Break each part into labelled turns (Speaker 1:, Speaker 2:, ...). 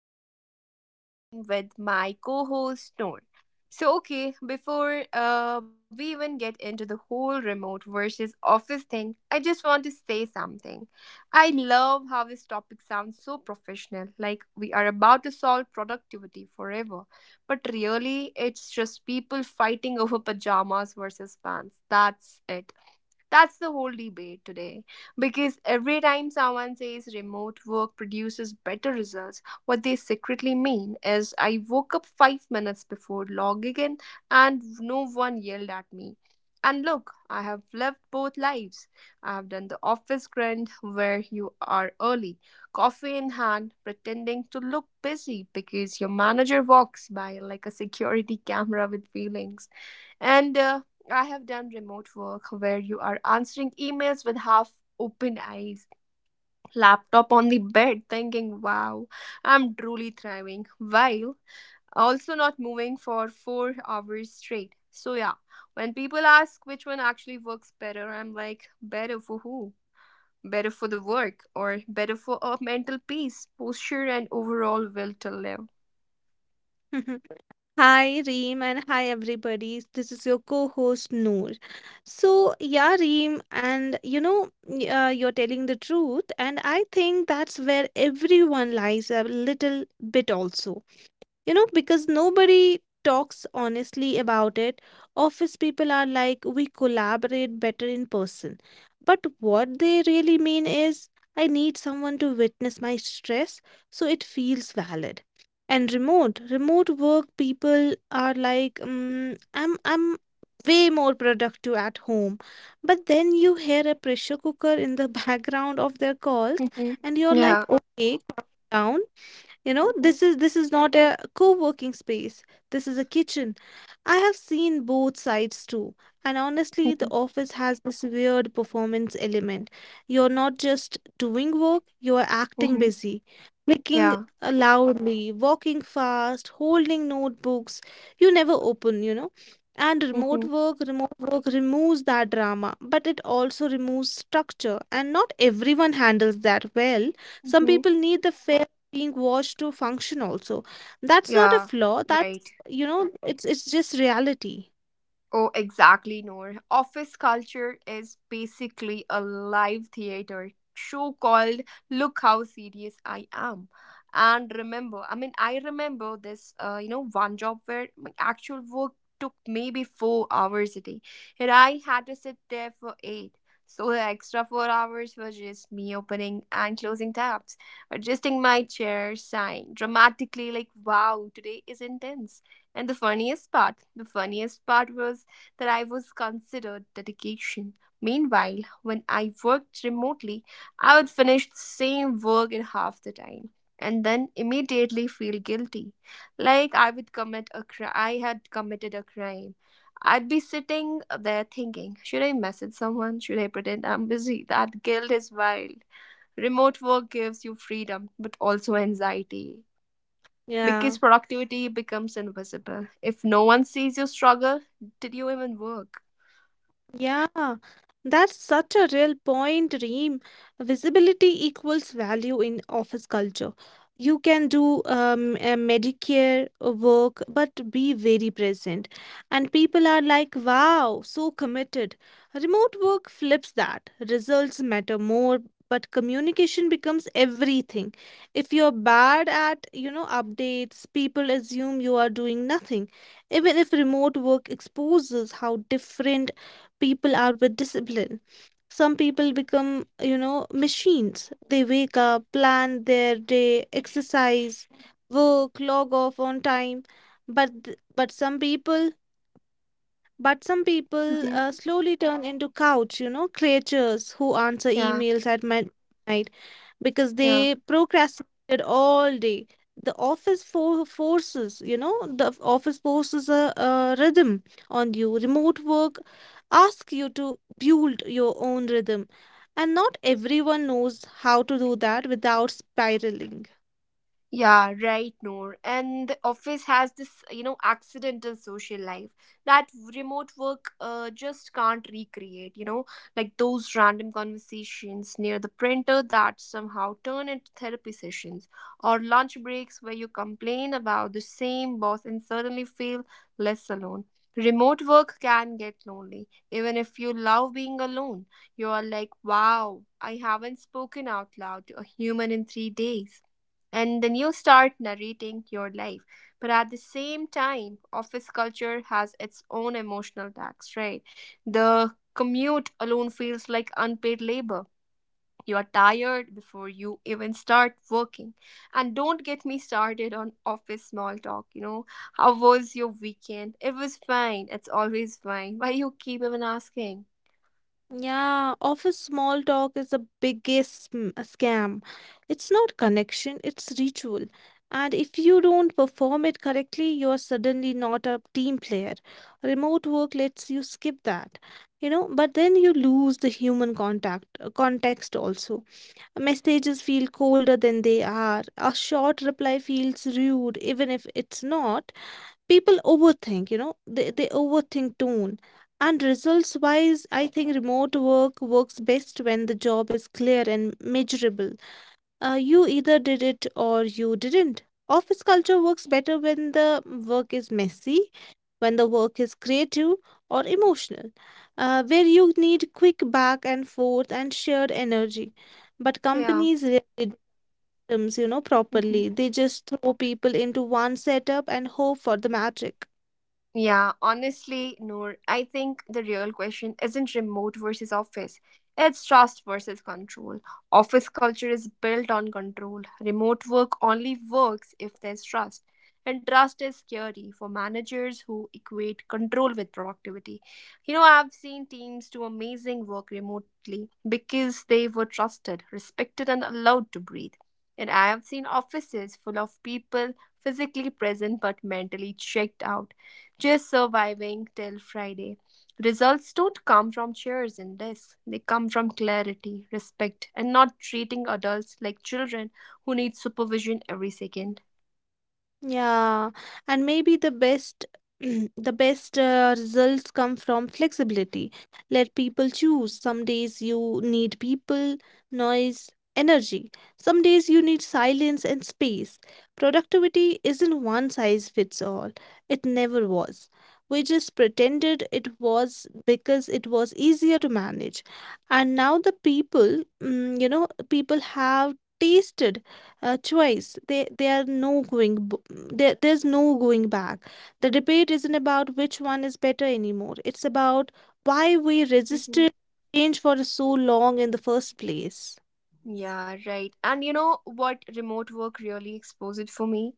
Speaker 1: I'm your host Reem with my co-host Noor. So okay, before we even get into the whole remote versus office thing, I just want to say something. I love how this topic sounds so professional, like we are about to solve productivity forever. But really, it's just people fighting over pajamas versus pants. That's it. That's the whole debate today. Because every time someone says remote work produces better results, what they secretly mean is I woke up 5 minutes before logging in and no one yelled at me. And look, I have lived both lives. I have done the office grind where you are early, coffee in hand, pretending to look busy because your manager walks by like a security camera with feelings. And I have done remote work where you are answering emails with half open eyes, laptop on the bed, thinking, wow, I'm truly thriving, while also not moving for 4 hours straight. So, yeah, when people ask which one actually works better, I'm like, better for who? Better for the work, or better for a mental peace, posture, and overall will to live.
Speaker 2: Hi Reem and hi everybody. This is your co-host Noor. So yeah, Reem, and you're telling the truth, and I think that's where everyone lies a little bit also, because nobody talks honestly about it. Office people are like, we collaborate better in person, but what they really mean is, I need someone to witness my stress so it feels valid. And remote work people are like, I'm way more productive at home. But then you hear a pressure cooker in the background of their calls,
Speaker 1: Mhm.
Speaker 2: and you're like,
Speaker 1: Yeah.
Speaker 2: okay, calm down,
Speaker 1: Mhm.
Speaker 2: this is not a co-working space. This is a kitchen. I have seen both sides too, and honestly, the
Speaker 1: Mhm.
Speaker 2: office has this weird performance element. You're not just doing work, you're acting
Speaker 1: Mhm.
Speaker 2: busy, clicking
Speaker 1: Yeah.
Speaker 2: loudly, walking fast, holding notebooks you never open. And remote
Speaker 1: Mhm.
Speaker 2: work, remote work removes that drama, but it also removes structure, and not everyone handles that well. Some
Speaker 1: Mhm.
Speaker 2: people need the fair being watched to function also. That's not a
Speaker 1: Yeah,
Speaker 2: flaw,
Speaker 1: right.
Speaker 2: that's, it's just reality.
Speaker 1: Oh, exactly, Noor. Office culture is basically a live theater show called Look How Serious I Am. And remember, I mean, I remember this, one job where my actual work took maybe 4 hours a day, and I had to sit there for eight. So the extra 4 hours were just me opening and closing tabs, adjusting my chair, sighing dramatically, like, wow, today is intense. And the funniest part was that I was considered dedication. Meanwhile, when I worked remotely, I would finish the same work in half the time and then immediately feel guilty, like I had committed a crime. I'd be sitting there thinking, should I message someone? Should I pretend I'm busy? That guilt is wild. Remote work gives you freedom, but also anxiety
Speaker 2: Yeah.
Speaker 1: because productivity becomes invisible. If no one sees your struggle, did you even work?
Speaker 2: Yeah, that's such a real point, Reem. Visibility equals value in office culture. You can do a Medicare work, but be very present. And people are like, wow, so committed. Remote work flips that. Results matter more, but communication becomes everything. If you're bad at updates, people assume you are doing nothing, even if remote work exposes how different people are with discipline. Some people become machines. They wake up, plan their day, exercise, work, log off on time. But th- but some people but some people
Speaker 1: Mhm.
Speaker 2: slowly turn into couch creatures who answer
Speaker 1: Yeah,
Speaker 2: emails at midnight because
Speaker 1: yeah.
Speaker 2: they procrastinated all day. The office forces a rhythm on you. Remote work asks you to build your own rhythm, and not everyone knows how to do that without spiraling.
Speaker 1: Yeah, right, Noor. And the office has this accidental social life that remote work just can't recreate, you know, like those random conversations near the printer that somehow turn into therapy sessions or lunch breaks where you complain about the same boss and suddenly feel less alone. Remote work can get lonely. Even if you love being alone, you are like, wow, I haven't spoken out loud to a human in 3 days and then you start narrating your life. But at the same time, office culture has its own emotional tax, right? The commute alone feels like unpaid labor. You are tired before you even start working. And don't get me started on office small talk, you know. How was your weekend? It was fine. It's always fine. Why you keep even asking?
Speaker 2: Yeah, office small talk is the biggest scam. It's not connection, it's ritual. And if you don't perform it correctly, you are suddenly not a team player. Remote work lets you skip that, but then you lose the human contact context also. Messages feel colder than they are. A short reply feels rude, even if it's not. People overthink, they overthink tone. And results wise, I think remote work works best when the job is clear and measurable. You either did it or you didn't. Office culture works better when the work is messy, when the work is creative or emotional, where you need quick back and forth and shared energy. But
Speaker 1: Yeah.
Speaker 2: companies rarely do systems,
Speaker 1: Mhm.
Speaker 2: properly. They just throw people into one setup and hope for the magic.
Speaker 1: Yeah, honestly, Noor, I think the real question isn't remote versus office. It's trust versus control. Office culture is built on control. Remote work only works if there's trust. And trust is scary for managers who equate control with productivity. You know, I've seen teams do amazing work remotely because they were trusted, respected, and allowed to breathe. And I have seen offices full of people physically present but mentally checked out just surviving till Friday. Results don't come from chairs and desks, they come from clarity, respect, and not treating adults like children who need supervision every second.
Speaker 2: Yeah, and maybe the best the best results come from flexibility. Let people choose. Some days you need people, noise, energy. Some days you need silence and space. Productivity isn't one size fits all. It never was. We just pretended it was because it was easier to manage. And now the people, mm, you know, people have tasted choice. They are no going. There's no going back. The debate isn't about which one is better anymore. It's about why we
Speaker 1: Mhm.
Speaker 2: resisted change for so long in the first place.
Speaker 1: Yeah, right. And you know what remote work really exposed for me?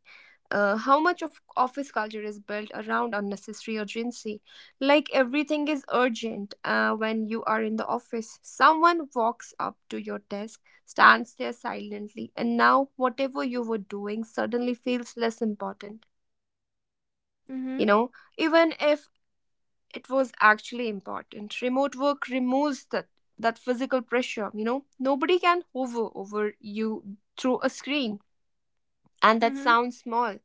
Speaker 1: How much of office culture is built around unnecessary urgency? Like everything is urgent when you are in the office. Someone walks up to your desk, stands there silently, and now whatever you were doing suddenly feels less important. You
Speaker 2: Mm-hmm.
Speaker 1: know, even if it was actually important. Remote work removes that physical pressure, you know. Nobody can hover over you through a screen. And that
Speaker 2: Mm-hmm.
Speaker 1: sounds small,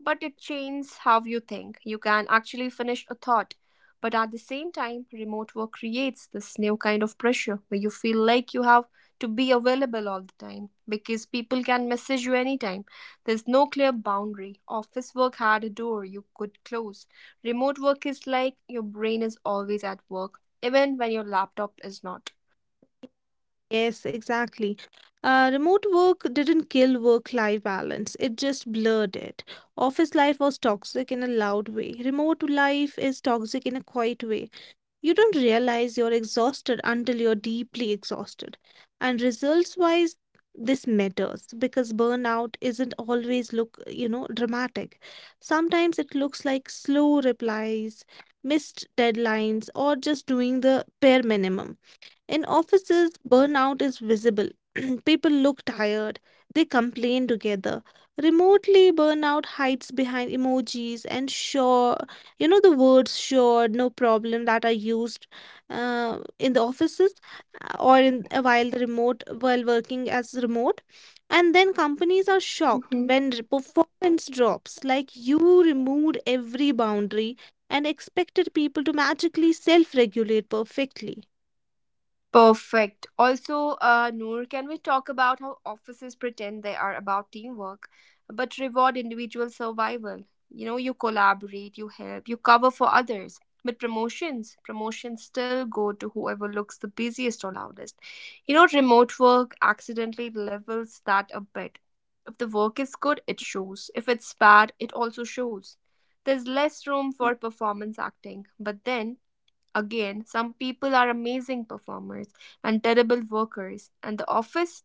Speaker 1: but it changes how you think. You can actually finish a thought. But at the same time, remote work creates this new kind of pressure where you feel like you have to be available all the time because people can message you anytime. There's no clear boundary. Office work had a door you could close. Remote work is like your brain is always at work, even when your laptop is not.
Speaker 2: Yes, exactly. Remote work didn't kill work-life balance, it just blurred it. Office life was toxic in a loud way. Remote life is toxic in a quiet way. You don't realize you're exhausted until you're deeply exhausted. And results wise, this matters because burnout isn't always dramatic. Sometimes it looks like slow replies, missed deadlines, or just doing the bare minimum. In offices, burnout is visible. People look tired, they complain together. Remotely, burnout hides behind emojis and sure, the words sure, no problem, that are used, in the offices, or in, while working as remote. And then companies are shocked when performance drops, like you removed every boundary and expected people to magically self regulate perfectly.
Speaker 1: Perfect. Also, Noor, can we talk about how offices pretend they are about teamwork but reward individual survival? You know, you collaborate, you help, you cover for others. But promotions still go to whoever looks the busiest or loudest. You know, remote work accidentally levels that a bit. If the work is good, it shows. If it's bad, it also shows. There's less room for performance acting. But then again, some people are amazing performers and terrible workers, and the office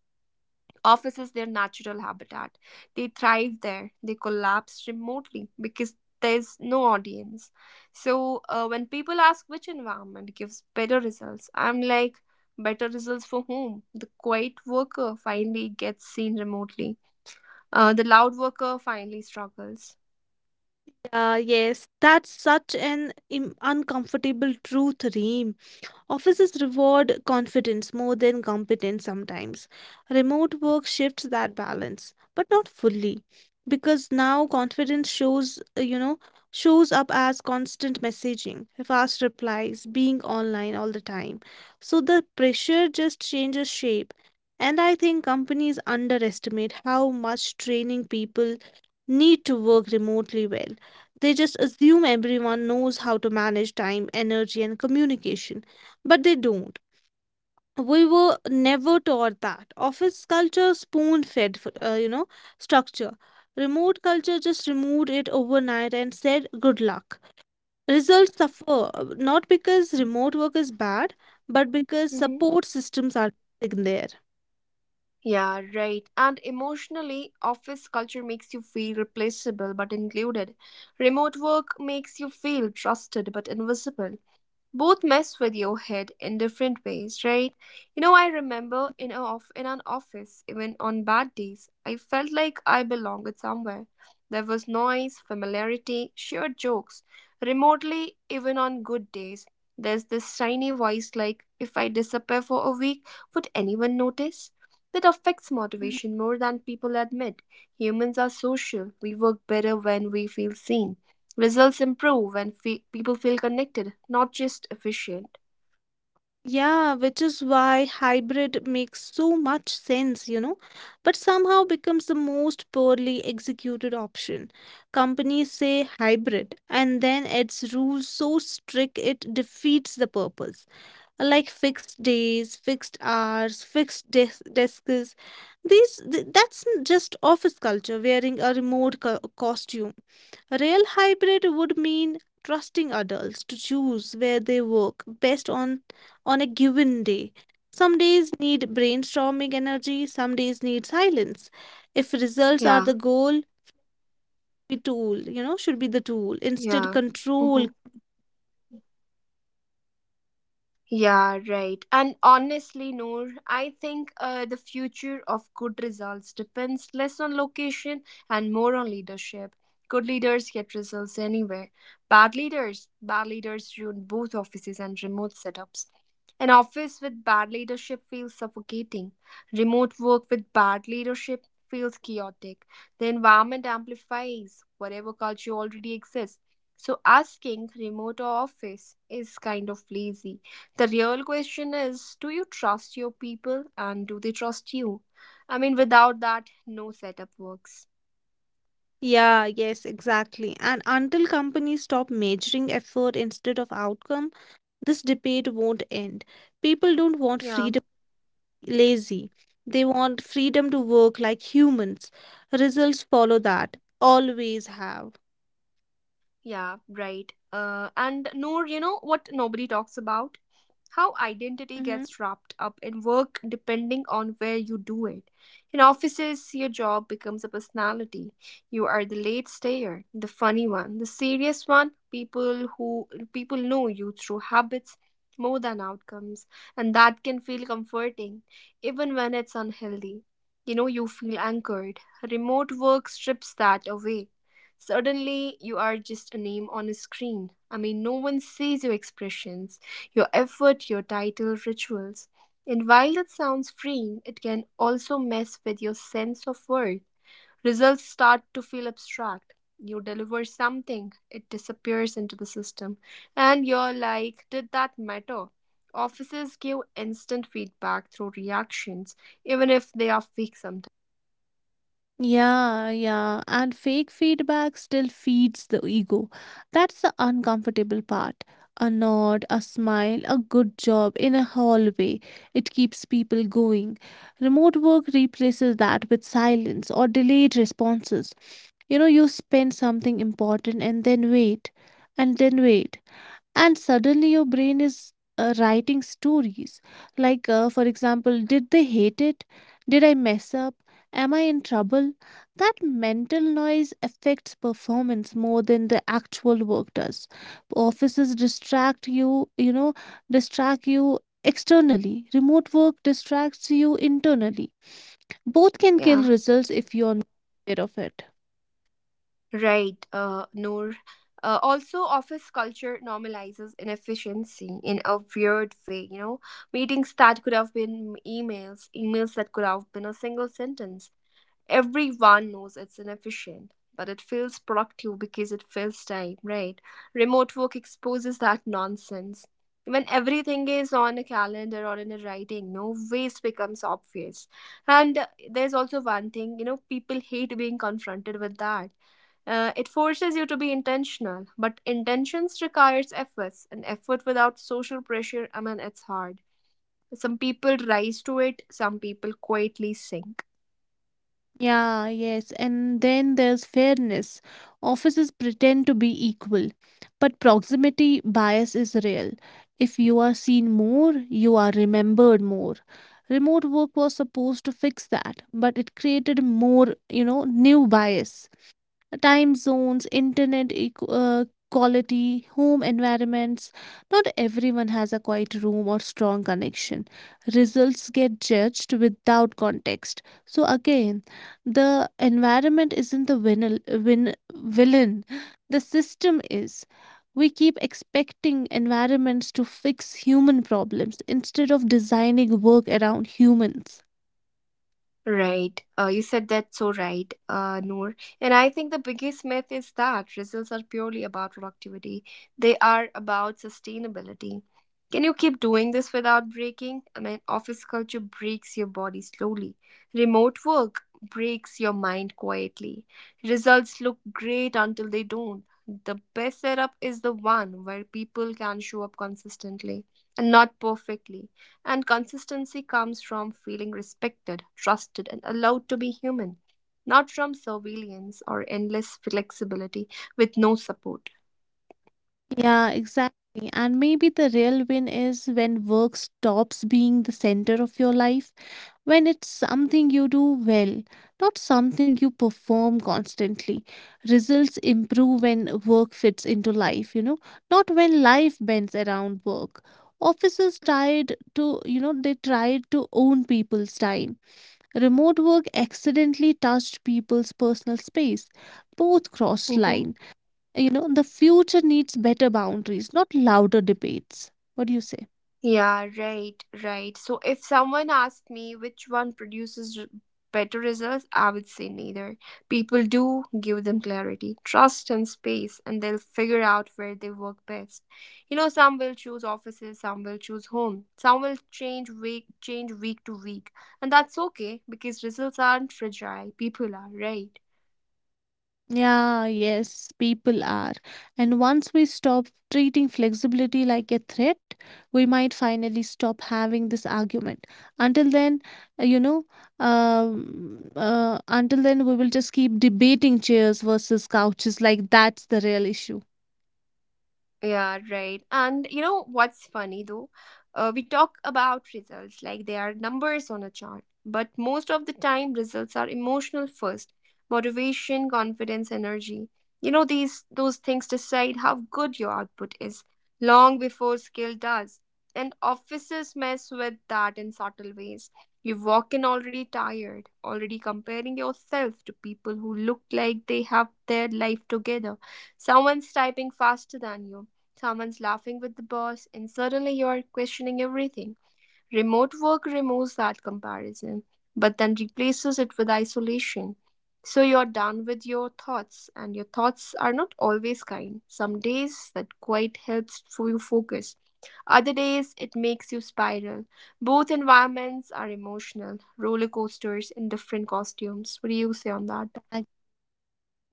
Speaker 1: office is their natural habitat. They thrive there. They collapse remotely because there's no audience. So when people ask which environment gives better results, I'm like, better results for whom? The quiet worker finally gets seen remotely. The loud worker finally struggles.
Speaker 2: Yeah, yes, that's such an im uncomfortable truth, Reem. Offices reward confidence more than competence sometimes. Remote work shifts that balance, but not fully, because now confidence shows up as constant messaging, fast replies, being online all the time. So the pressure just changes shape. And I think companies underestimate how much training people need to work remotely well. They just assume everyone knows how to manage time, energy, and communication, but they don't. We were never taught that. Office culture spoon fed uh, you know structure. Remote culture just removed it overnight and said good luck. Results suffer, not because remote work is bad, but because
Speaker 1: Mm-hmm.
Speaker 2: support systems are missing there.
Speaker 1: Yeah, right. And emotionally, office culture makes you feel replaceable but included. Remote work makes you feel trusted but invisible, both mess with your head in different ways, right? You know, I remember in an office, even on bad days, I felt like I belonged somewhere. There was noise, familiarity, shared jokes. Remotely, even on good days, there's this tiny voice like, if I disappear for a week, would anyone notice? That affects motivation more than people admit. Humans are social. We work better when we feel seen. Results improve when people feel connected, not just efficient.
Speaker 2: Yeah, which is why hybrid makes so much sense, but somehow becomes the most poorly executed option. Companies say hybrid and then its rules so strict it defeats the purpose. Like fixed days, fixed hours, fixed desks. That's just office culture wearing a remote costume. Real hybrid would mean trusting adults to choose where they work best on a given day. Some days need brainstorming energy, some days need silence. If results are
Speaker 1: Yeah,
Speaker 2: the goal, the tool, should be the tool. Instead,
Speaker 1: yeah.
Speaker 2: control.
Speaker 1: Yeah, right. And honestly, Noor, I think the future of good results depends less on location and more on leadership. Good leaders get results anywhere. Bad leaders ruin both offices and remote setups. An office with bad leadership feels suffocating. Remote work with bad leadership feels chaotic. The environment amplifies whatever culture already exists. So asking remote or office is kind of lazy. The real question is do you trust your people and do they trust you? I mean, without that, no setup works.
Speaker 2: Yeah, yes, exactly. And until companies stop measuring effort instead of outcome, this debate won't end. People don't want
Speaker 1: Yeah,
Speaker 2: freedom lazy. They want freedom to work like humans. Results follow that, always have.
Speaker 1: yeah, right. And Noor, you know what nobody talks about? How identity
Speaker 2: Hmm.
Speaker 1: gets wrapped up in work depending on where you do it. In offices, your job becomes a personality. You are the late stayer, the funny one, the serious one. People know you through habits more than outcomes, and that can feel comforting even when it's unhealthy. You know, you feel anchored. Remote work strips that away. Suddenly, you are just a name on a screen. I mean, no one sees your expressions, your effort, your title, rituals. And while that sounds freeing, it can also mess with your sense of worth. Results start to feel abstract. You deliver something, it disappears into the system. And you're like, did that matter? Offices give instant feedback through reactions, even if they are fake sometimes, you know?
Speaker 2: Yeah, yeah, and fake feedback still feeds the ego. That's the uncomfortable part. A nod, a smile, a good job in a hallway. It keeps people going. Remote work replaces that with silence or delayed responses. You spend something important and then wait, and then wait. And suddenly your brain is writing stories, like, for example, did they hate it? Did I mess up? Am I in trouble? That mental noise affects performance more than the actual work does. Offices distract you, you know distract you externally. Remote work distracts you internally. Both can
Speaker 1: Yeah.
Speaker 2: kill results if you're not aware of it.
Speaker 1: Right, Noor. Also, office culture normalizes inefficiency in a weird way. You know, meetings that could have been emails, emails that could have been a single sentence, everyone knows it's inefficient, but it feels productive because it fills time, right? Remote work exposes that nonsense. When everything is on a calendar or in a writing, no waste becomes obvious. And there's also one thing, you know, people hate being confronted with that. It forces you to be intentional, but intentions requires efforts, and effort without social pressure, I mean, it's hard. Some people rise to it, some people quietly sink.
Speaker 2: Yeah, yes. And then there's fairness. Offices pretend to be equal, but proximity bias is real. If you are seen more, you are remembered more. Remote work was supposed to fix that, but it created more, new bias: time zones, internet quality, home environments. Not everyone has a quiet room or strong connection. Results get judged without context. So, again, the environment isn't the villain, the system is. We keep expecting environments to fix human problems instead of designing work around humans.
Speaker 1: Right. You said that so right, Noor. And I think the biggest myth is that results are purely about productivity. They are about sustainability. Can you keep doing this without breaking? I mean, office culture breaks your body slowly. Remote work breaks your mind quietly. Results look great until they don't. The best setup is the one where people can show up consistently and not perfectly. And consistency comes from feeling respected, trusted, and allowed to be human, not from surveillance or endless flexibility with no support.
Speaker 2: Yeah, exactly. And maybe the real win is when work stops being the center of your life, when it's something you do well, not something you perform constantly. Results improve when work fits into life, not when life bends around work. Offices tried to, you know, they tried to own people's time. Remote work accidentally touched people's personal space. Both crossed
Speaker 1: Mhm.
Speaker 2: line. The future needs better boundaries, not louder debates. What do you say?
Speaker 1: Yeah, right. So if someone asked me which one produces better results, I would say neither. People do give them clarity, trust, and space, and they'll figure out where they work best. You know, some will choose offices, some will choose home, some will change week to week, and that's okay because results aren't fragile. People are, right?
Speaker 2: Yeah, yes, people are. And once we stop treating flexibility like a threat, we might finally stop having this argument. Until then, uh, you know, we will just keep debating chairs versus couches like that's the real issue.
Speaker 1: Yeah, right. And you know what's funny though? We talk about results like they are numbers on a chart, but most of the time, results are emotional first: motivation, confidence, energy. You know, these those things decide how good your output is long before skill does. And offices mess with that in subtle ways. You walk in already tired, already comparing yourself to people who look like they have their life together. Someone's typing faster than you. Someone's laughing with the boss, and suddenly you're questioning everything. Remote work removes that comparison, but then replaces it with isolation. So you're done with your thoughts, and your thoughts are not always kind. Some days that quite helps for you focus. Other days it makes you spiral. Both environments are emotional roller coasters in different costumes. What do you say on that?
Speaker 2: I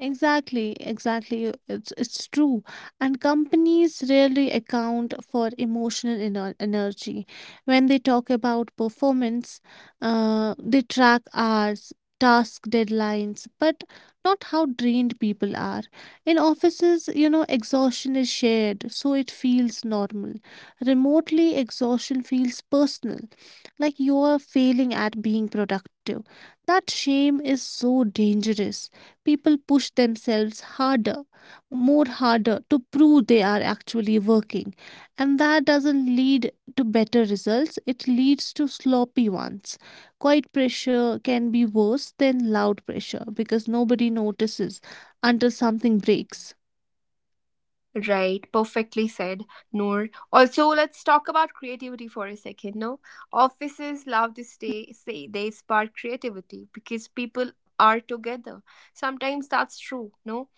Speaker 2: Exactly, exactly. It's true. And companies rarely account for emotional energy. When they talk about performance, they track hours, task deadlines, but not how drained people are. In offices, exhaustion is shared, so it feels normal. Remotely, exhaustion feels personal, like you're failing at being productive. That shame is so dangerous, people push themselves harder, more harder to prove they are actually working. And that doesn't lead to better results, it leads to sloppy ones. Quiet pressure can be worse than loud pressure because nobody notices until something breaks.
Speaker 1: Right, perfectly said, Noor. Also, let's talk about creativity for a second. No, offices love to say they spark creativity because people are together. Sometimes that's true. No,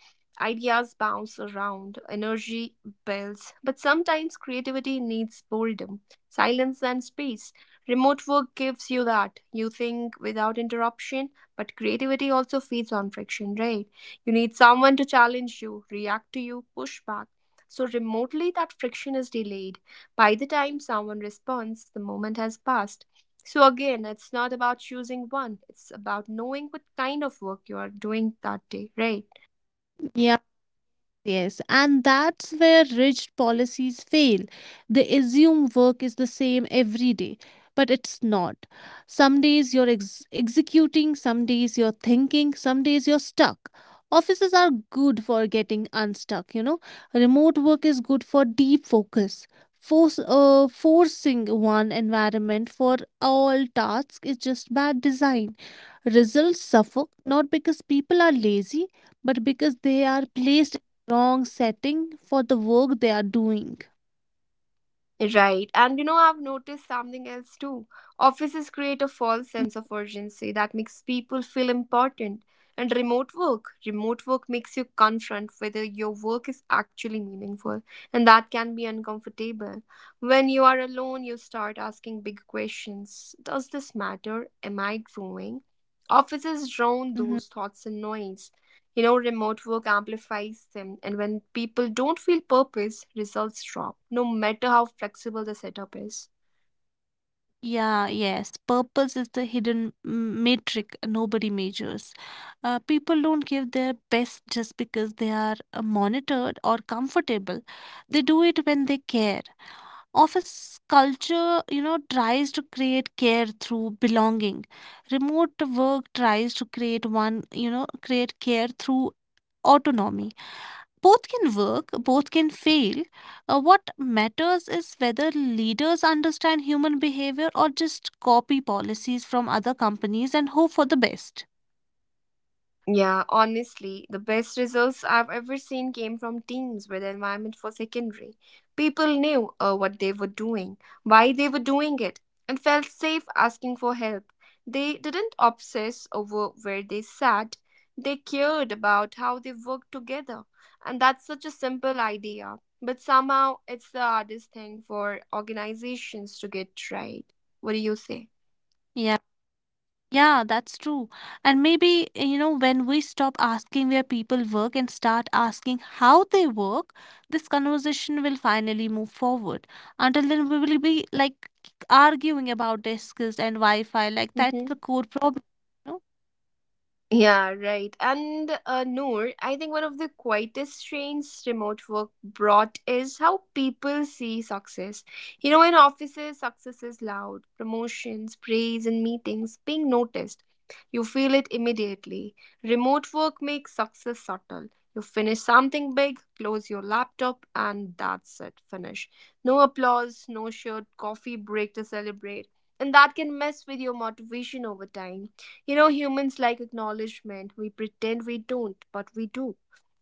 Speaker 1: ideas bounce around, energy builds, but sometimes creativity needs boredom, silence, and space. Remote work gives you that. You think without interruption, but creativity also feeds on friction, right? You need someone to challenge you, react to you, push back, so remotely, that friction is delayed. By the time someone responds, the moment has passed. So, again, it's not about choosing one, it's about knowing what kind of work you are doing that day, right?
Speaker 2: Yeah, yes, and that's where rigid policies fail. They assume work is the same every day, but it's not. Some days you're executing, some days you're thinking, some days you're stuck. Offices are good for getting unstuck. Remote work is good for deep focus. Forcing one environment for all tasks is just bad design. Results suffer not because people are lazy, but because they are placed wrong setting for the work they are doing.
Speaker 1: Right. And you know, I've noticed something else too. Offices create a false sense of urgency that makes people feel important. And remote work makes you confront whether your work is actually meaningful, and that can be uncomfortable. When you are alone, you start asking big questions. Does this matter? Am I growing? Offices drown
Speaker 2: Mhm.
Speaker 1: those thoughts in noise. You know, remote work amplifies them, and when people don't feel purpose, results drop, no matter how flexible the setup is.
Speaker 2: Yeah, yes. Purpose is the hidden metric nobody measures. People don't give their best just because they are monitored or comfortable. They do it when they care. Office culture, tries to create care through belonging. Remote work tries to create one, you know, create care through autonomy. Both can work, both can fail. What matters is whether leaders understand human behavior or just copy policies from other companies and hope for the best.
Speaker 1: Yeah, honestly, the best results I've ever seen came from teams where the environment was secondary. People knew what they were doing, why they were doing it, and felt safe asking for help. They didn't obsess over where they sat, they cared about how they worked together. And that's such a simple idea, but somehow it's the hardest thing for organizations to get right. What do you say?
Speaker 2: Yeah. Yeah, that's true. And maybe, you know, when we stop asking where people work and start asking how they work, this conversation will finally move forward. Until then, we will be like arguing about their skills and Wi Fi. Like,
Speaker 1: Uh
Speaker 2: that's
Speaker 1: huh.
Speaker 2: the core problem. You know?
Speaker 1: Yeah, right. And Noor, I think one of the quietest strains remote work brought is how people see success. You know, in offices, success is loud: promotions, praise, and meetings, being noticed. You feel it immediately. Remote work makes success subtle. You finish something big, close your laptop, and that's it. Finish. No applause, no shared coffee break to celebrate. And that can mess with your motivation over time. You know, humans like acknowledgement. We pretend we don't, but we do.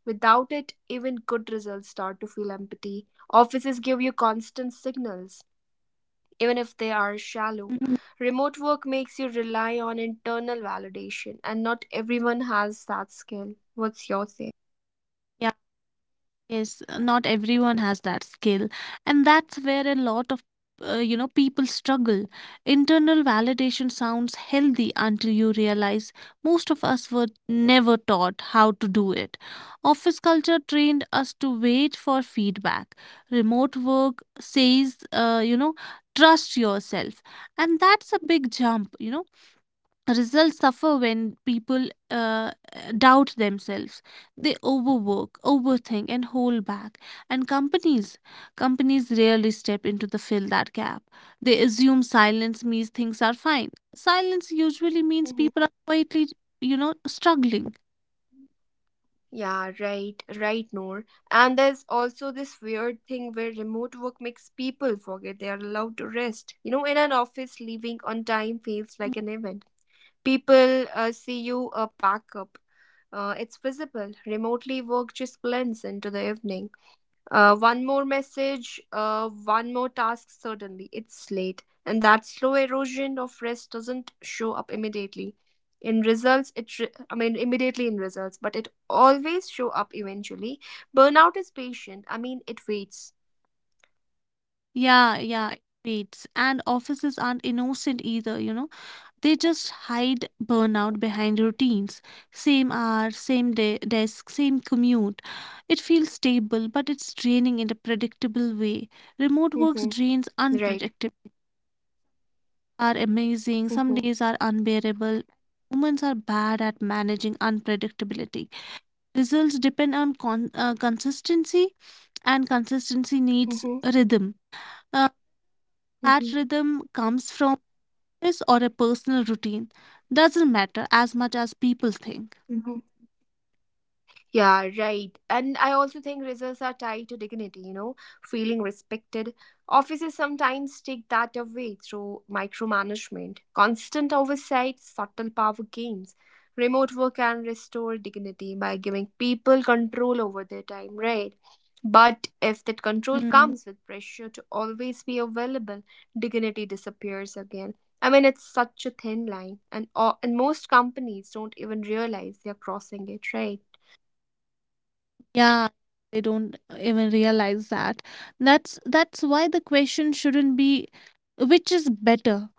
Speaker 1: Without it, even good results start to feel empty. Offices give you constant signals, even if they are shallow.
Speaker 2: Mhm.
Speaker 1: Remote work makes you rely on internal validation, and not everyone has that skill. What's your say?
Speaker 2: Yes, not everyone has that skill. And that's where a lot of you know, people struggle. Internal validation sounds healthy until you realize most of us were never taught how to do it. Office culture trained us to wait for feedback. Remote work says, you know, trust yourself. And that's a big jump, you know. Results suffer when people doubt themselves. They overwork, overthink, and hold back, and companies rarely step into the fill that gap. They assume silence means things are fine. Silence usually means
Speaker 1: Mhm.
Speaker 2: people are quietly, you know, struggling.
Speaker 1: Yeah, right, right, Noor. And there's also this weird thing where remote work makes people forget they are allowed to rest. You know, in an office, leaving on time feels like an event. People see you a pack up. It's visible. Remotely work just blends into the evening. One more message, one more task, suddenly it's late. And that slow erosion of rest doesn't show up immediately. In results, I mean immediately in results, but it always show up eventually. Burnout is patient. I mean, it waits.
Speaker 2: Yeah, yeah, it waits. And offices aren't innocent either, you know. They just hide burnout behind routines. Same hour, same day, desk, same commute. It feels stable, but it's draining in a predictable way. Remote works
Speaker 1: Mm-hmm.
Speaker 2: drains
Speaker 1: Right.
Speaker 2: unpredictable. Are amazing, some
Speaker 1: Mm-hmm.
Speaker 2: days are unbearable. Humans are bad at managing unpredictability. Results depend on consistency, and consistency needs
Speaker 1: Mm-hmm.
Speaker 2: rhythm. Uh, that rhythm comes from this or a personal routine. Doesn't matter as much as people think.
Speaker 1: Mm-hmm. Yeah, right. And I also think results are tied to dignity, you know, feeling respected. Offices sometimes take that away through micromanagement, constant oversight, subtle power games. Remote work can restore dignity by giving people control over their time, right? But if that control
Speaker 2: Mm,
Speaker 1: comes with pressure to always be available, dignity disappears again. I mean, it's such a thin line, and and most companies don't even realize they're crossing it, right?
Speaker 2: yeah, they don't even realize that. That's why the question shouldn't be which is better.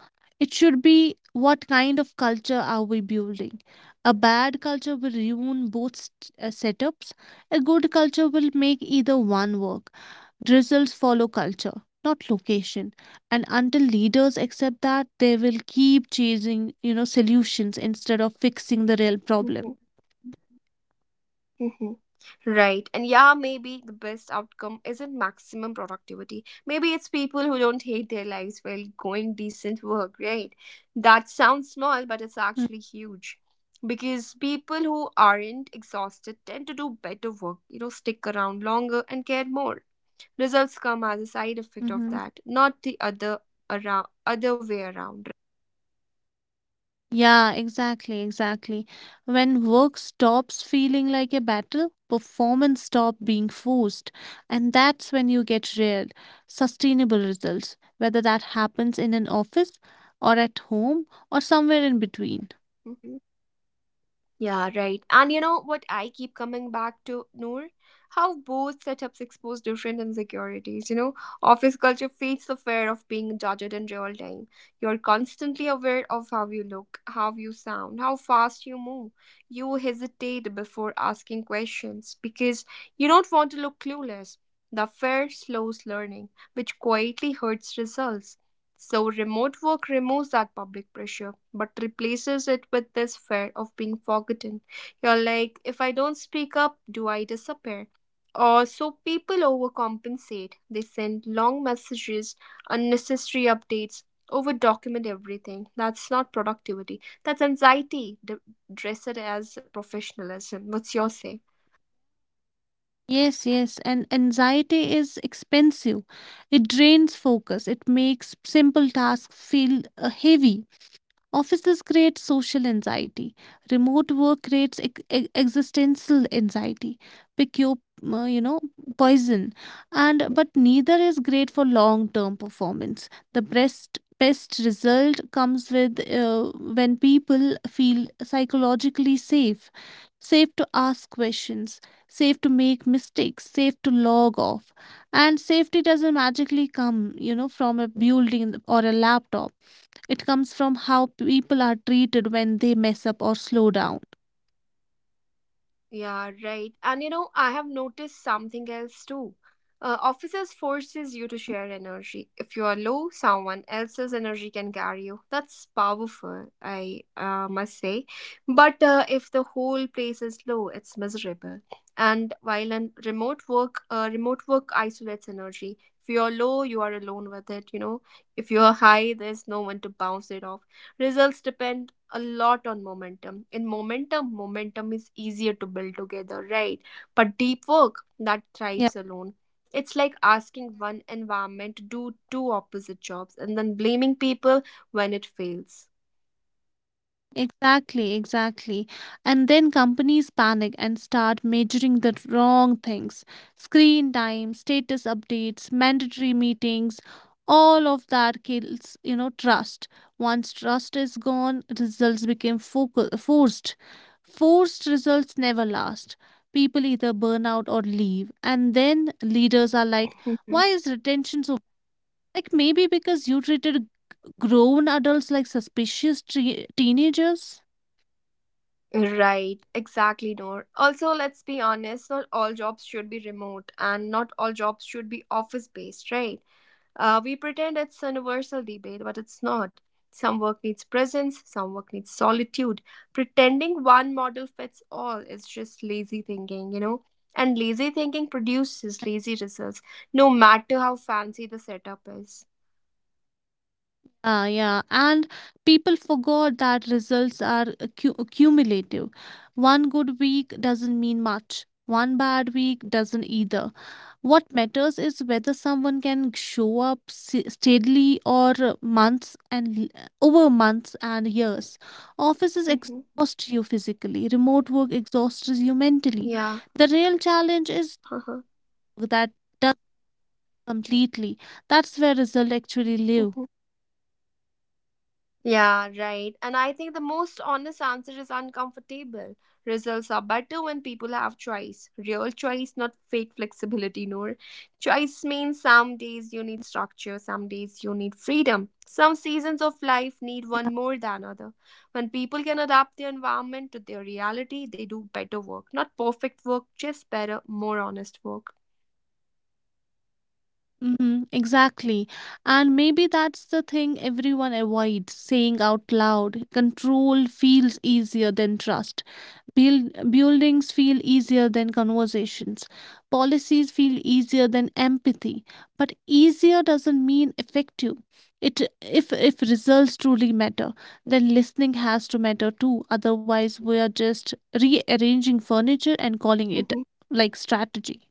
Speaker 2: It should be, what kind of culture are we building? A bad culture will ruin both setups. A good culture will make either one work. Results follow culture, not location. And until leaders accept that, they will keep chasing, you know, solutions instead of fixing the real problem.
Speaker 1: Mhm. Mhm. Right. And yeah, maybe the best outcome isn't maximum productivity. Maybe it's people who don't hate their lives while going decent work, right? That sounds small, but it's
Speaker 2: Mm.
Speaker 1: actually huge. Because people who aren't exhausted tend to do better work, you know, stick around longer and care more. Results come as a side effect of
Speaker 2: Mm-hmm.
Speaker 1: that, not the other around other way around, right?
Speaker 2: Yeah, exactly, exactly. When work stops feeling like a battle, performance stop being forced, and that's when you get real, sustainable results, whether that happens in an office or at home or somewhere in between.
Speaker 1: Yeah, right. And you know what I keep coming back to, Noor? How both setups expose different insecurities. You know, office culture feeds the fear of being judged in real time. You're constantly aware of how you look, how you sound, how fast you move. You hesitate before asking questions because you don't want to look clueless. The fear slows learning, which quietly hurts results. So remote work removes that public pressure, but replaces it with this fear of being forgotten. You're like, if I don't speak up, do I disappear? Or so people overcompensate. They send long messages, unnecessary updates, over document everything. That's not productivity. That's anxiety. Dress it as professionalism. What's your say?
Speaker 2: Yes, yes, and anxiety is expensive. It drains focus. It makes simple tasks feel heavy. Offices create social anxiety. Remote work creates existential anxiety. Pick your, you know, poison. And but neither is great for long-term performance. The best result comes with when people feel psychologically safe, safe to ask questions, safe to make mistakes, safe to log off. And safety doesn't magically come, you know, from a building or a laptop. It comes from how people are treated when they mess up or slow down.
Speaker 1: Yeah, right. And you know, I have noticed something else too. Officers forces you to share energy. If you are low, someone else's energy can carry you. That's powerful, I must say. But if the whole place is low, it's miserable. And while in remote work isolates energy. If you are low, you are alone with it. You know, if you are high, there's no one to bounce it off. Results depend a lot on momentum. In momentum, is easier to build together, right? But deep work that
Speaker 2: Yeah.
Speaker 1: thrives alone. It's like asking one environment to do two opposite jobs and then blaming people when it fails.
Speaker 2: Exactly, exactly. And then companies panic and start measuring the wrong things: screen time, status updates, mandatory meetings. All of that kills, you know, trust. Once trust is gone, results become focal, forced. Forced results never last. People either burn out or leave. And then leaders are like, why is retention so? Like, maybe because you treated grown adults like suspicious teenagers?
Speaker 1: Mhm. Right, exactly, Nor. Also, let's be honest, not all jobs should be remote and not all jobs should be office based, right? We pretend it's a universal debate, but it's not. Some work needs presence, some work needs solitude. Pretending one model fits all is just lazy thinking, you know? And lazy thinking produces lazy results, no matter how fancy the setup is.
Speaker 2: Yeah, yeah. And people forgot that results are cumulative. One good week doesn't mean much. One bad week doesn't either. What matters is whether someone can show up steadily or months and over months and years. Offices
Speaker 1: Hmm.
Speaker 2: exhaust you physically, remote work exhausts you mentally.
Speaker 1: Yeah.
Speaker 2: The real challenge is that completely. That's where results actually live.
Speaker 1: Yeah, right. And I think the most honest answer is uncomfortable. Results are better when people have choice. Real choice, not fake flexibility, Noor. Choice means some days you need structure, some days you need freedom. Some seasons of life need one more than other. When people can adapt their environment to their reality, they do better work. Not perfect work, just better, more honest work.
Speaker 2: Mm-hmm, exactly. And maybe that's the thing everyone avoids saying out loud. Control feels easier than trust. Buildings feel easier than conversations. Policies feel easier than empathy. But easier doesn't mean effective. It if results truly matter, then listening has to matter too. Otherwise, we are just rearranging furniture and calling
Speaker 1: Uh
Speaker 2: it
Speaker 1: huh.
Speaker 2: like strategy.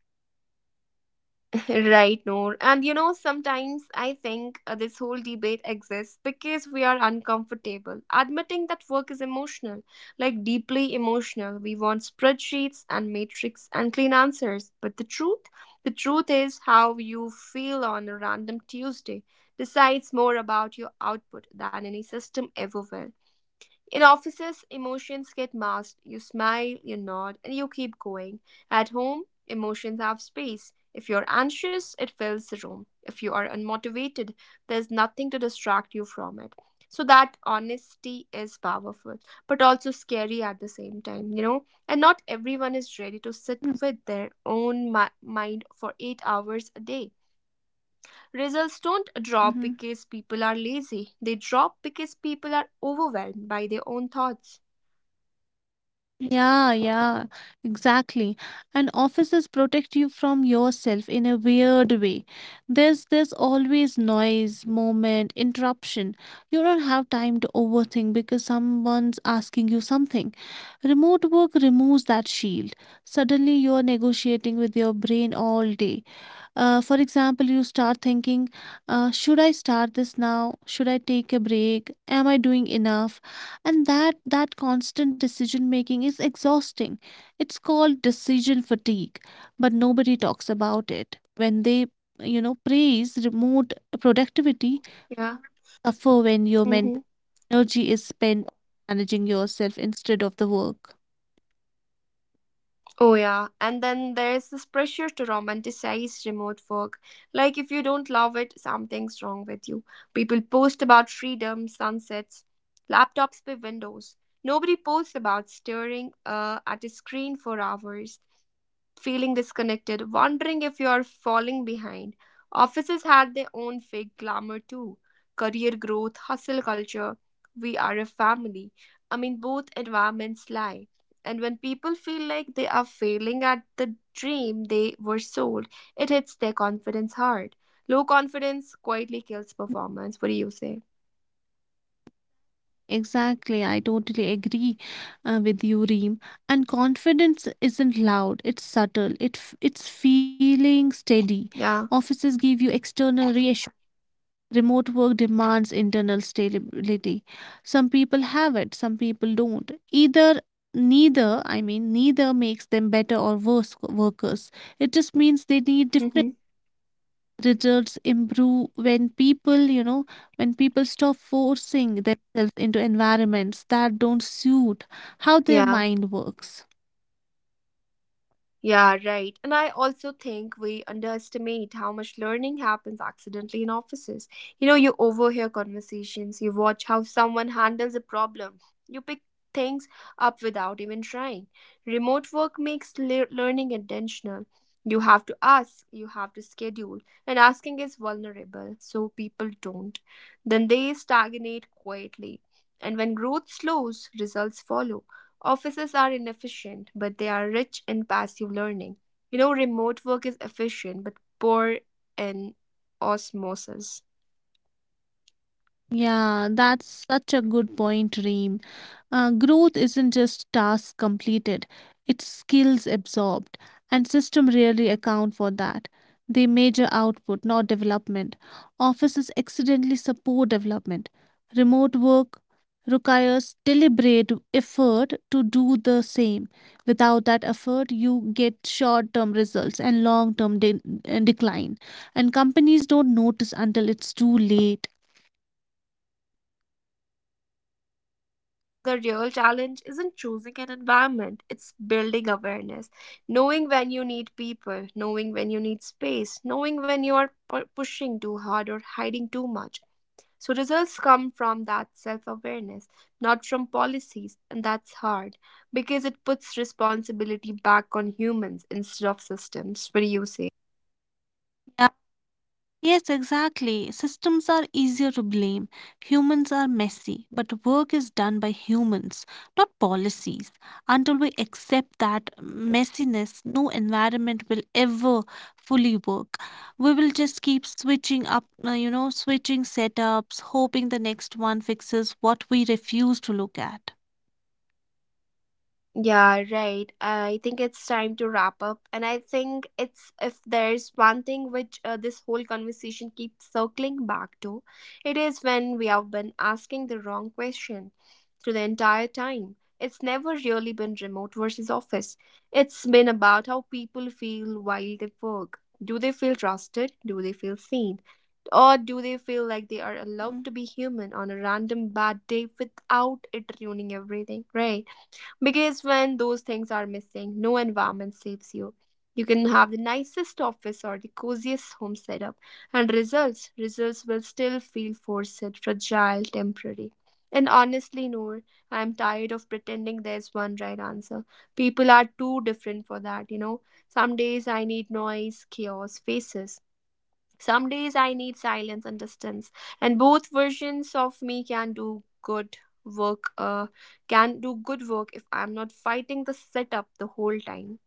Speaker 1: Right, Noor. And you know, sometimes I think this whole debate exists because we are uncomfortable admitting that work is emotional, like deeply emotional. We want spreadsheets and matrix and clean answers. But the truth is how you feel on a random Tuesday decides more about your output than any system ever will. In offices, emotions get masked. You smile, you nod, and you keep going. At home, emotions have space. If you're anxious, it fills the room. If you are unmotivated, there's nothing to distract you from it. So that honesty is powerful, but also scary at the same time, you know? And not everyone is ready to sit
Speaker 2: Mhm.
Speaker 1: with their own mind for 8 hours a day. Results don't drop
Speaker 2: Mhm.
Speaker 1: because people are lazy. They drop because people are overwhelmed by their own thoughts.
Speaker 2: Yeah, yeah, exactly. And offices protect you from yourself in a weird way. There's always noise, moment, interruption. You don't have time to overthink because someone's asking you something. Remote work removes that shield. Suddenly you're negotiating with your brain all day. For example, you start thinking, should I start this now? Should I take a break? Am I doing enough? And that constant decision making is exhausting. It's called decision fatigue, but nobody talks about it when they, you know, praise remote productivity.
Speaker 1: Mhm. Yeah.
Speaker 2: Suffer when your
Speaker 1: Hmm.
Speaker 2: mental energy is spent managing yourself instead of the work.
Speaker 1: Oh, yeah. And then there is this pressure to romanticize remote work. Like, if you don't love it, something's wrong with you. People post about freedom, sunsets, laptops by windows. Nobody posts about staring at a screen for hours, feeling disconnected, wondering if you are falling behind. Offices had their own fake glamour too: career growth, hustle culture. We are a family. I mean, both environments lie. And when people feel like they are failing at the dream they were sold, it hits their confidence hard. Low confidence quietly kills performance. What do you say?
Speaker 2: Exactly, I totally agree with you, Reem. And confidence isn't loud, it's subtle, it's feeling steady.
Speaker 1: Yeah.
Speaker 2: Offices give you external reassurance. Remote work demands internal stability. Some people have it, some people don't. Either Neither, I mean, neither makes them better or worse workers. It just means they need different.
Speaker 1: Mm-hmm.
Speaker 2: Results improve when people, you know, when people stop forcing themselves into environments that don't suit how their
Speaker 1: Yeah.
Speaker 2: mind works.
Speaker 1: Yeah, right. And I also think we underestimate how much learning happens accidentally in offices. You know, you overhear conversations, you watch how someone handles a problem, you pick things up without even trying. Remote work makes learning intentional. You have to ask, you have to schedule, and asking is vulnerable, so people don't. Then they stagnate quietly. And when growth slows, results follow. Offices are inefficient, but they are rich in passive learning. You know, remote work is efficient, but poor in osmosis.
Speaker 2: Yeah, that's such a good point, Reem. Growth isn't just tasks completed, it's skills absorbed, and systems rarely account for that. They measure output, not development. Offices accidentally support development. Remote work requires deliberate effort to do the same. Without that effort, you get short term results and long term decline. And companies don't notice until it's too late.
Speaker 1: Yeah, right. So maybe the real challenge isn't choosing an environment, it's building awareness. Knowing when you need people, knowing when you need space, knowing when you are pushing too hard or hiding too much. So results come from that self awareness, not from policies, and that's hard because it puts responsibility back on humans instead of systems. What do you say?
Speaker 2: Yes, exactly. Systems are easier to blame. Humans are messy, but work is done by humans, not policies. Until we accept that messiness, no environment will ever fully work. We will just keep switching up, you know, switching setups, hoping the next one fixes what we refuse to look at.
Speaker 1: Yeah, right. I think it's time to wrap up. And I think it's, if there's one thing which this whole conversation keeps circling back to, it is when we have been asking the wrong question through the entire time. It's never really been remote versus office. It's been about how people feel while they work. Do they feel trusted? Do they feel seen? Or do they feel like they are allowed
Speaker 2: Mm.
Speaker 1: to be human on a random bad day without it ruining everything, right? Because when those things are missing, no environment saves you. You can have the nicest office or the coziest home setup, and results will still feel forced, fragile, temporary. And honestly, Noor, I am tired of pretending there's one right answer. People are too different for that, you know. Some days I need noise, chaos, faces. Some days I need silence and distance, and both versions of me can do good work. Can do good work if I'm not fighting the setup the whole time.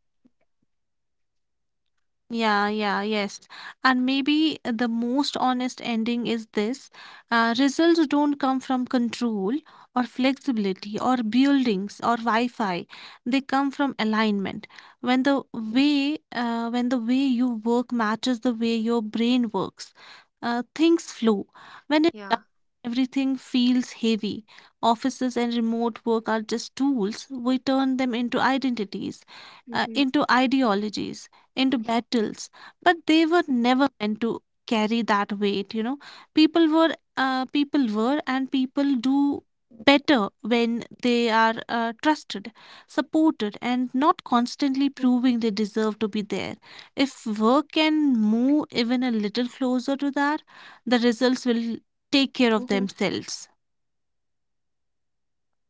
Speaker 2: Yeah, yeah, yes. And maybe the most honest ending is this: results don't come from control or flexibility or buildings or Wi-Fi. They come from alignment. When the way you work matches the way your brain works, things flow. When it does,
Speaker 1: Yeah.
Speaker 2: everything feels heavy. Offices and remote work are just tools. We turn them into identities,
Speaker 1: Mm-hmm.
Speaker 2: into ideologies, into battles, but they were never meant to carry that weight. You know, people were, people were, and people do better when they are trusted, supported, and not constantly
Speaker 1: Mm-hmm.
Speaker 2: proving they deserve to be there. If work can move even a little closer to that, the results will take care of
Speaker 1: Mm-hmm.
Speaker 2: themselves.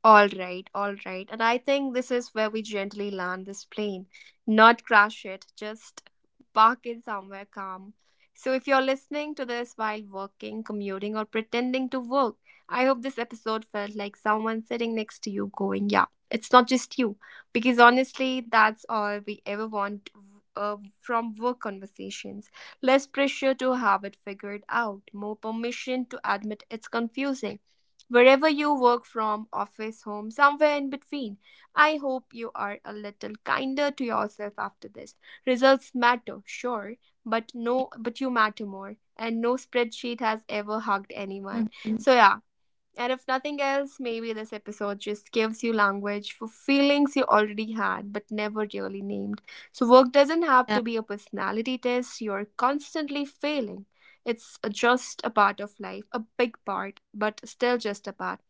Speaker 1: All right, all right. And I think this is where we gently land this plane, not crash it, just park it somewhere calm. So, if you're listening to this while working, commuting, or pretending to work, I hope this episode felt like someone sitting next to you going, "Yeah, it's not just you." Because honestly, that's all we ever want from work conversations. Less pressure to have it figured out, more permission to admit it's confusing. Wherever you work from, office, home, somewhere in between, I hope you are a little kinder to yourself after this. Results matter, sure, but no, but you matter more. And no spreadsheet has ever hugged
Speaker 2: Mhm.
Speaker 1: anyone. So yeah, and if nothing else, maybe this episode just gives you language for feelings you already had but never really named. So, work doesn't
Speaker 2: Yeah.
Speaker 1: have to be a personality test you're constantly failing. It's just a part of life, a big part, but still just a part.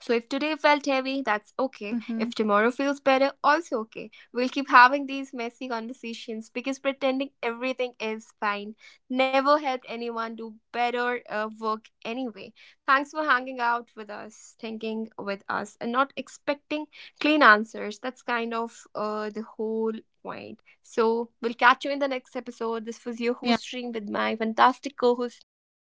Speaker 1: So if today felt heavy, that's
Speaker 2: Mhm.
Speaker 1: okay. If tomorrow feels better, also okay. We'll keep having these messy conversations because pretending everything is fine never helped anyone do better work anyway. Thanks for hanging out with us, thinking with us, and not expecting clean answers. That's kind of the whole point. So we'll catch you in the next episode.
Speaker 2: Yeah.
Speaker 1: This was your host stream with my fantastic co-host Noor.